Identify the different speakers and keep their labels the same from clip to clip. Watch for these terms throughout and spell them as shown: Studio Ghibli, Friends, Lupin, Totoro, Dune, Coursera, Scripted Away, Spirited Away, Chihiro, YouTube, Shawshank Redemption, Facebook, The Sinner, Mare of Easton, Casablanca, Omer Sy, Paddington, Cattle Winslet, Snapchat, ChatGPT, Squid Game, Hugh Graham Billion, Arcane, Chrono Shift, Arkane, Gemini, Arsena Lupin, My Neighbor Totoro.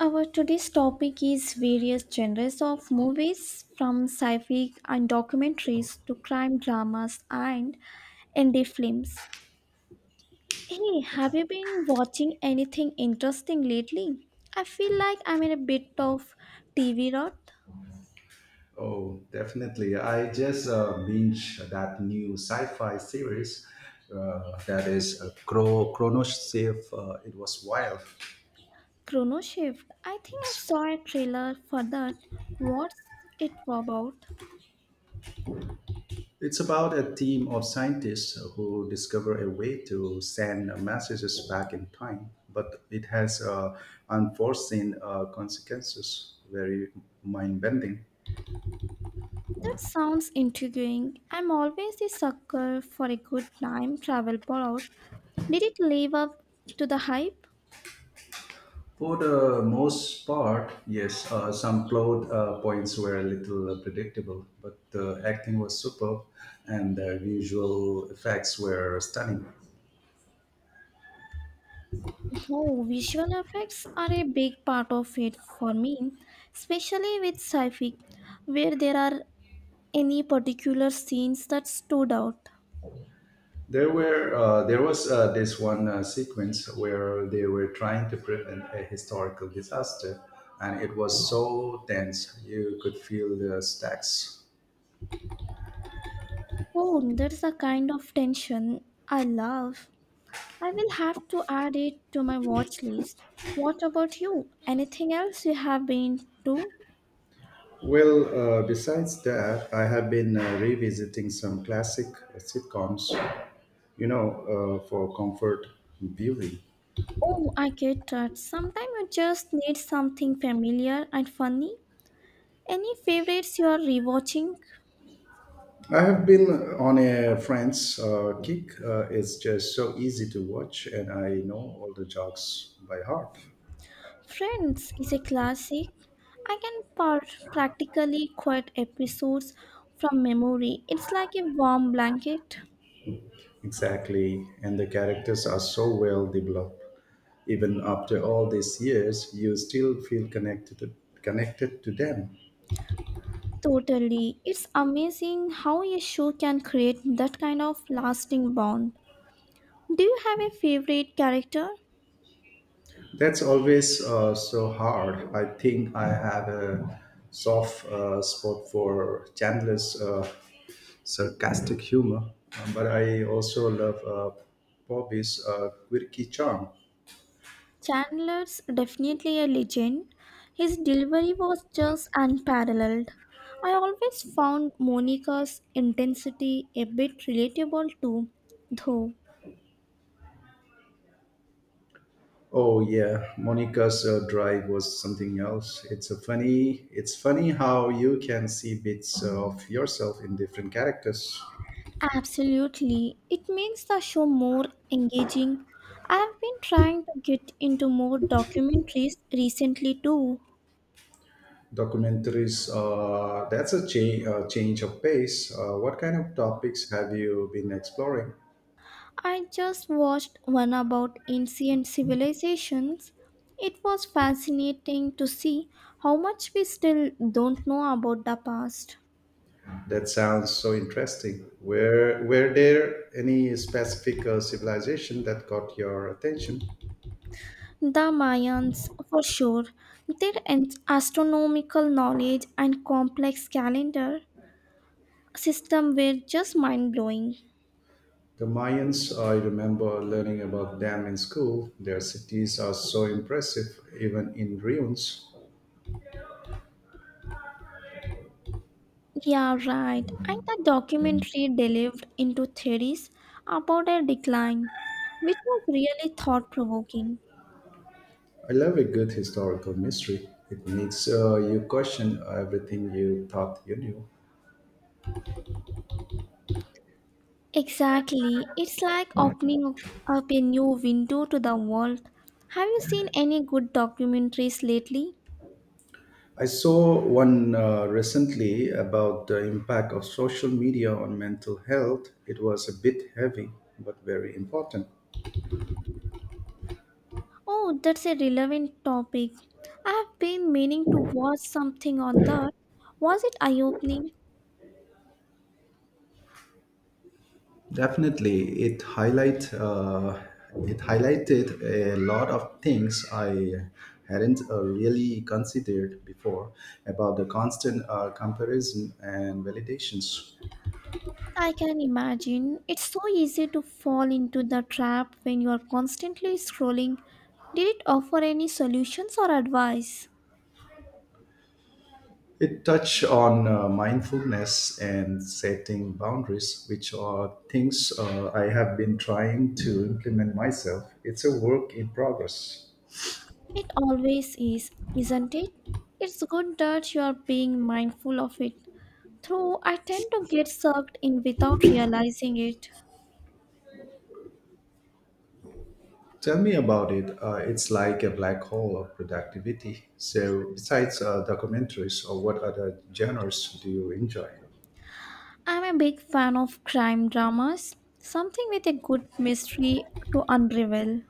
Speaker 1: Our today's topic is various genres of movies, from sci-fi and documentaries to crime dramas and indie films. Hey, have you been watching anything interesting lately? I feel like I'm in a bit of TV rot.
Speaker 2: Oh, definitely. I just binge that new sci-fi series that is Chrono Shift. It was wild.
Speaker 1: Chrono Shift. I think I
Speaker 2: Yes.
Speaker 1: saw a trailer for that. What's it about?
Speaker 2: It's about a team of scientists who discover a way to send messages back in time, but it has unforeseen consequences. Very mind-bending.
Speaker 1: That sounds intriguing. I'm always a sucker for a good time travel plot. Did it live up to the hype?
Speaker 2: For the most part, yes, some plot points were a little predictable, but the acting was superb and the visual effects were stunning.
Speaker 1: Oh, visual effects are a big part of it for me, especially with sci-fi, where there are any particular scenes that stood out.
Speaker 2: There were there was This one sequence where they were trying to prevent a historical disaster, and it was so tense you could feel the stacks.
Speaker 1: Oh, that's a kind of tension I love. I will have to add it to my watch list. What about you? Anything else you have been to?
Speaker 2: Well, besides that, I have been revisiting some classic sitcoms, you know, for comfort beauty.
Speaker 1: Oh, I get that. Sometimes you just need something familiar and funny. Any favorites you are rewatching?
Speaker 2: I have been on a Friends kick. It's just so easy to watch, and I know all the jokes by heart.
Speaker 1: Friends is a classic. I can practically quote episodes from memory. It's like a warm blanket.
Speaker 2: Exactly, and the characters are so well developed. Even after all these years, you still feel connected to them.
Speaker 1: Totally. It's amazing how a show can create that kind of lasting bond. Do you have a favorite character?
Speaker 2: That's always so hard. I think I have a soft spot for Chandler's sarcastic humor. But I also love Bobby's quirky charm.
Speaker 1: Chandler's definitely a legend. His delivery was just unparalleled. I always found Monica's intensity a bit relatable too, though.
Speaker 2: Oh yeah, Monica's drive was something else. It's a funny. It's funny how you can see bits of yourself in different characters.
Speaker 1: Absolutely. It makes the show more engaging. I've been trying to get into more documentaries recently too.
Speaker 2: Documentaries. That's a change of pace. What kind of topics have you been exploring?
Speaker 1: I just watched one about ancient civilizations. It was fascinating to see how much we still don't know about the past.
Speaker 2: That sounds so interesting. Were there any specific civilization that caught your attention?
Speaker 1: The Mayans, for sure, their astronomical knowledge and complex calendar system were just mind blowing.
Speaker 2: The Mayans, I remember learning about them in school. Their cities are so impressive, even in ruins.
Speaker 1: Yeah, right. And the documentary delved into theories about their decline, which was really thought provoking.
Speaker 2: I love a good historical mystery. It makes you question everything you thought you knew.
Speaker 1: Exactly. It's like opening up a new window to the world. Have you seen any good documentaries lately?
Speaker 2: I saw one recently about the impact of social media on mental health. It was a bit heavy, but very important.
Speaker 1: Oh, that's a relevant topic. I have been meaning to watch something on that. Was it eye opening?
Speaker 2: Definitely, it highlighted a lot of things I hadn't really considered before about the constant comparison and validations.
Speaker 1: I can imagine. It's so easy to fall into the trap when you are constantly scrolling. Did it offer any solutions or advice?
Speaker 2: It touched on mindfulness and setting boundaries, which are things I have been trying to implement myself. It's a work in progress.
Speaker 1: It always is, isn't it? It's good that you are being mindful of it. Though I tend to get sucked in without realizing it.
Speaker 2: Tell me about it. It's like a black hole of productivity. So, besides documentaries, or what other genres do you enjoy?
Speaker 1: I'm a big fan of crime dramas, something with a good mystery to unravel.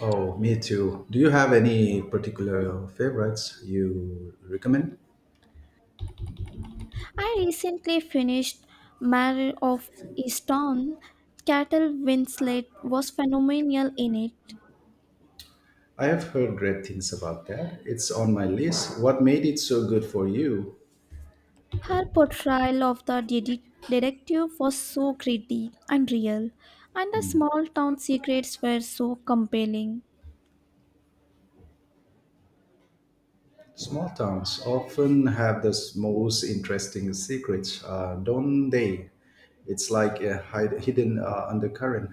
Speaker 2: Oh, me too. Do you have any particular favorites you recommend?
Speaker 1: I recently finished Mare of Easton. Cattle Winslet was phenomenal in it.
Speaker 2: I have heard great things about that. It's on my list. What made it so good for you?
Speaker 1: Her portrayal of the detective was so gritty and real, and the small town secrets were so compelling.
Speaker 2: Small towns often have the most interesting secrets, don't they? It's like a hidden undercurrent.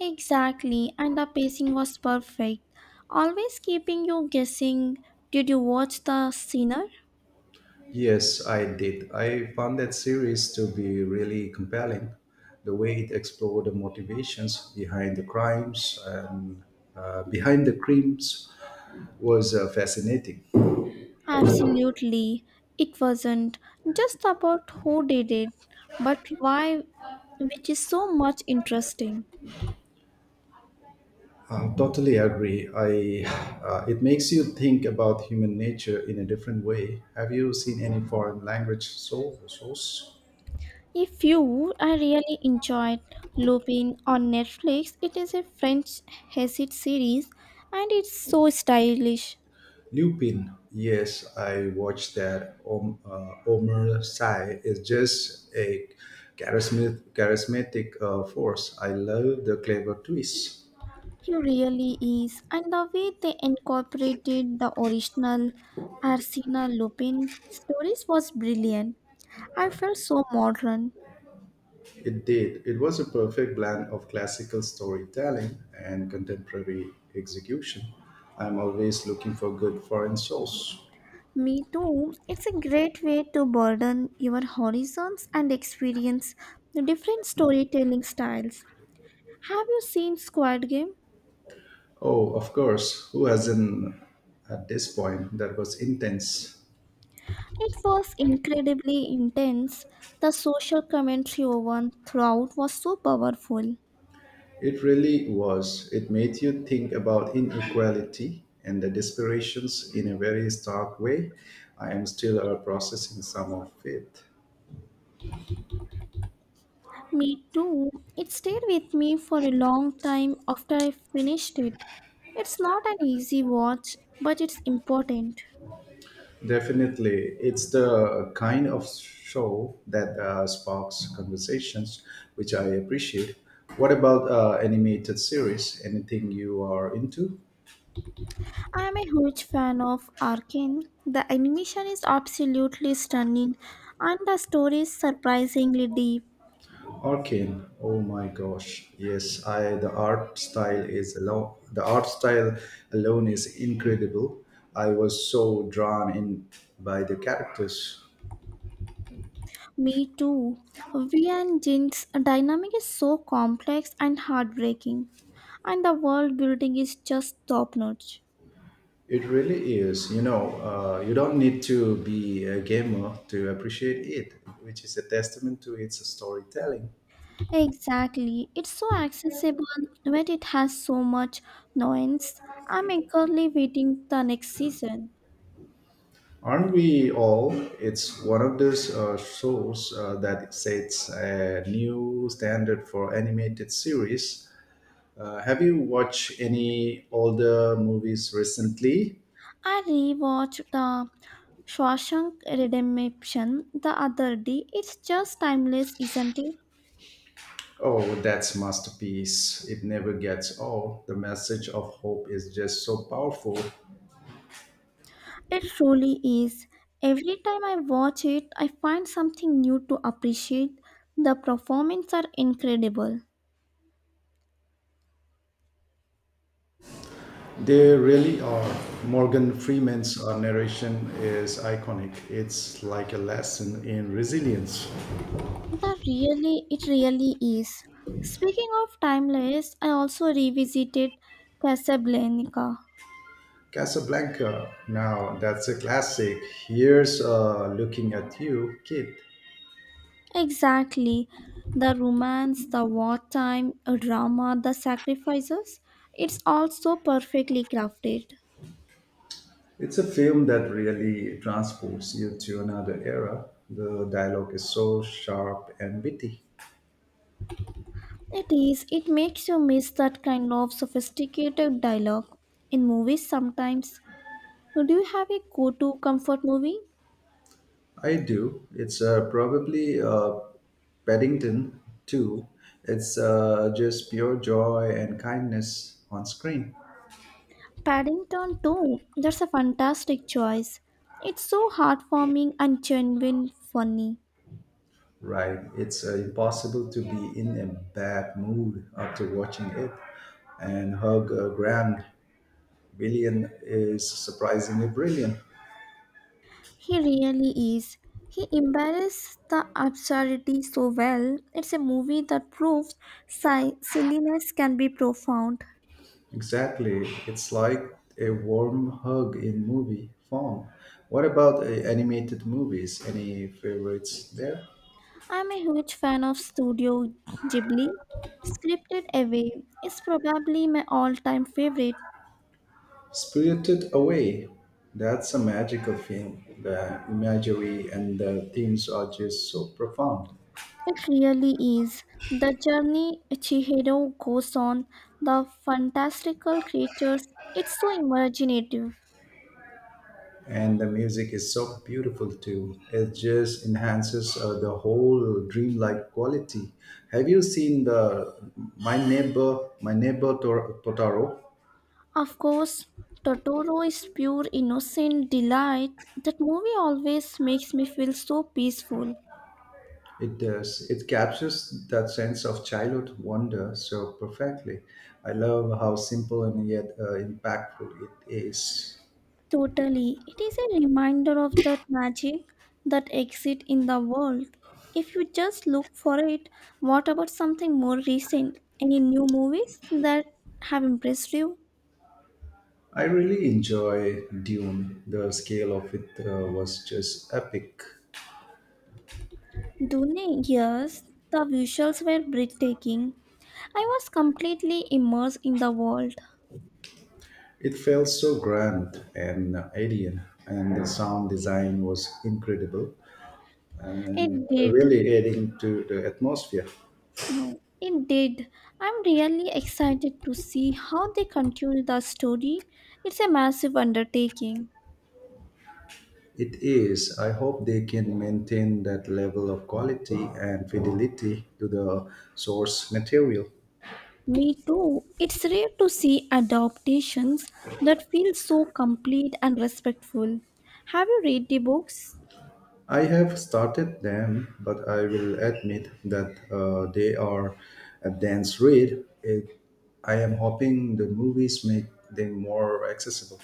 Speaker 1: Exactly, and the pacing was perfect. Always keeping you guessing. Did you watch The Sinner?
Speaker 2: Yes, I did. I found that series to be really compelling. The way it explored the motivations behind the crimes was fascinating.
Speaker 1: Absolutely. It wasn't just about who did it, but why, which is so much interesting.
Speaker 2: I totally agree. I It makes you think about human nature in a different way. Have you seen any foreign language source?
Speaker 1: If you I really enjoyed Lupin on Netflix. It is a French hesite series and it's so stylish.
Speaker 2: Lupin. Yes, I watched that. Omer Sy is just a charismatic force. I love the clever twists.
Speaker 1: He really is, and the way they incorporated the original Arsena Lupin stories was brilliant. I felt so modern.
Speaker 2: It did. It was a perfect blend of classical storytelling and contemporary execution. I'm always looking for good foreign source.
Speaker 1: Me too. It's a great way to broaden your horizons and experience the different storytelling styles. Have you seen Squid Game?
Speaker 2: Oh, of course. Who hasn't at this point? That was intense.
Speaker 1: It was incredibly intense. The social commentary over throughout was so powerful.
Speaker 2: It really was. It made you think about inequality and the desperations in a very stark way. I am still processing some of it.
Speaker 1: Me too. It stayed with me for a long time after I finished it. It's not an easy watch, but it's important.
Speaker 2: Definitely, it's the kind of show that sparks conversations, which I appreciate. What about animated series? Anything you are into?
Speaker 1: I am a huge fan of Arkane. The animation is absolutely stunning and the story is surprisingly deep.
Speaker 2: Arcane. Oh my gosh. Yes, I the art style is alone the art style alone is incredible. I was so drawn in by the characters.
Speaker 1: Me too. V and Jin's dynamic is so complex and heartbreaking, and the world building is just top notch.
Speaker 2: It really is. You don't need to be a gamer to appreciate it, which is a testament to its storytelling.
Speaker 1: Exactly. It's so accessible when it has so much nuance. I'm eagerly waiting the next season.
Speaker 2: Aren't we all? It's one of those shows that sets a new standard for animated series. Have you watched any older movies recently?
Speaker 1: I rewatched the Shawshank Redemption the other day. It's just timeless, isn't it?
Speaker 2: Oh, that's masterpiece. It never gets old. The message of hope is just so powerful.
Speaker 1: It truly is. Every time I watch it, I find something new to appreciate. The performances are incredible.
Speaker 2: They really are. Morgan Freeman's narration is iconic. It's like a lesson in resilience.
Speaker 1: It really is. Speaking of timeless, I also revisited Casablanca.
Speaker 2: Casablanca. Now that's a classic. Here's looking at you, kid.
Speaker 1: Exactly. The romance, the wartime drama, the sacrifices. It's all so perfectly crafted.
Speaker 2: It's a film that really transports you to another era. The dialogue is so sharp and witty.
Speaker 1: It is, it makes you miss that kind of sophisticated dialogue. In movies sometimes, do you have a go-to comfort movie?
Speaker 2: I do. It's probably Paddington too. It's just pure joy and kindness on screen.
Speaker 1: Paddington too. That's a fantastic choice. It's so heartwarming and genuine funny.
Speaker 2: Right. It's impossible to be in a bad mood after watching it. And Hugh Graham Billion is surprisingly brilliant.
Speaker 1: He really is. He embarrasses the absurdity so well. It's a movie that proves silliness can be profound.
Speaker 2: Exactly. It's like a warm hug in movie form. What about animated movies? Any favorites there?
Speaker 1: I'm a huge fan of Studio Ghibli. Scripted Away is probably my all-time favorite.
Speaker 2: Spirited Away. That's a magical film. The imagery and the themes are just so profound.
Speaker 1: It really is. The journey Chihiro goes on, the fantastical creatures, it's so imaginative.
Speaker 2: And the music is so beautiful too. It just enhances the whole dreamlike quality. Have you seen the Totoro?
Speaker 1: Of course, Totoro is pure innocent delight. That movie always makes me feel so peaceful.
Speaker 2: It does. It captures that sense of childhood wonder so perfectly. I love how simple and yet impactful it is.
Speaker 1: Totally. It is a reminder of that magic that exists in the world. If you just look for it, what about something more recent? Any new movies that have impressed you?
Speaker 2: I really enjoy Dune. The scale of it was just epic.
Speaker 1: Dune, yes, the visuals were breathtaking. I was completely immersed in the world.
Speaker 2: It felt so grand and alien, and the sound design was incredible and
Speaker 1: It did.
Speaker 2: really adding to the atmosphere.
Speaker 1: Oh, it did. I'm really excited to see how they continue the story. It's a massive undertaking.
Speaker 2: It is. I hope they can maintain that level of quality and fidelity to the source material.
Speaker 1: Me too. It's rare to see adaptations that feel so complete and respectful. Have you read the books?
Speaker 2: I have started them, but I will admit that they are a dense read. I am hoping the movies make them more accessible.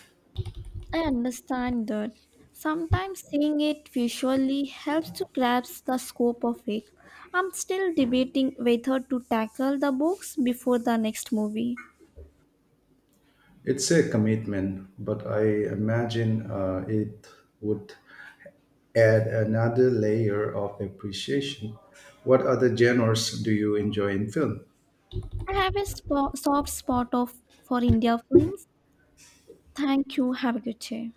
Speaker 1: I understand that. Sometimes seeing it visually helps to grasp the scope of it. I'm still debating whether to tackle the books before the next movie.
Speaker 2: It's a commitment, but I imagine it would add another layer of appreciation. What other genres do you enjoy in film?
Speaker 1: I have a soft spot of for India films. Thank you. Have a good day.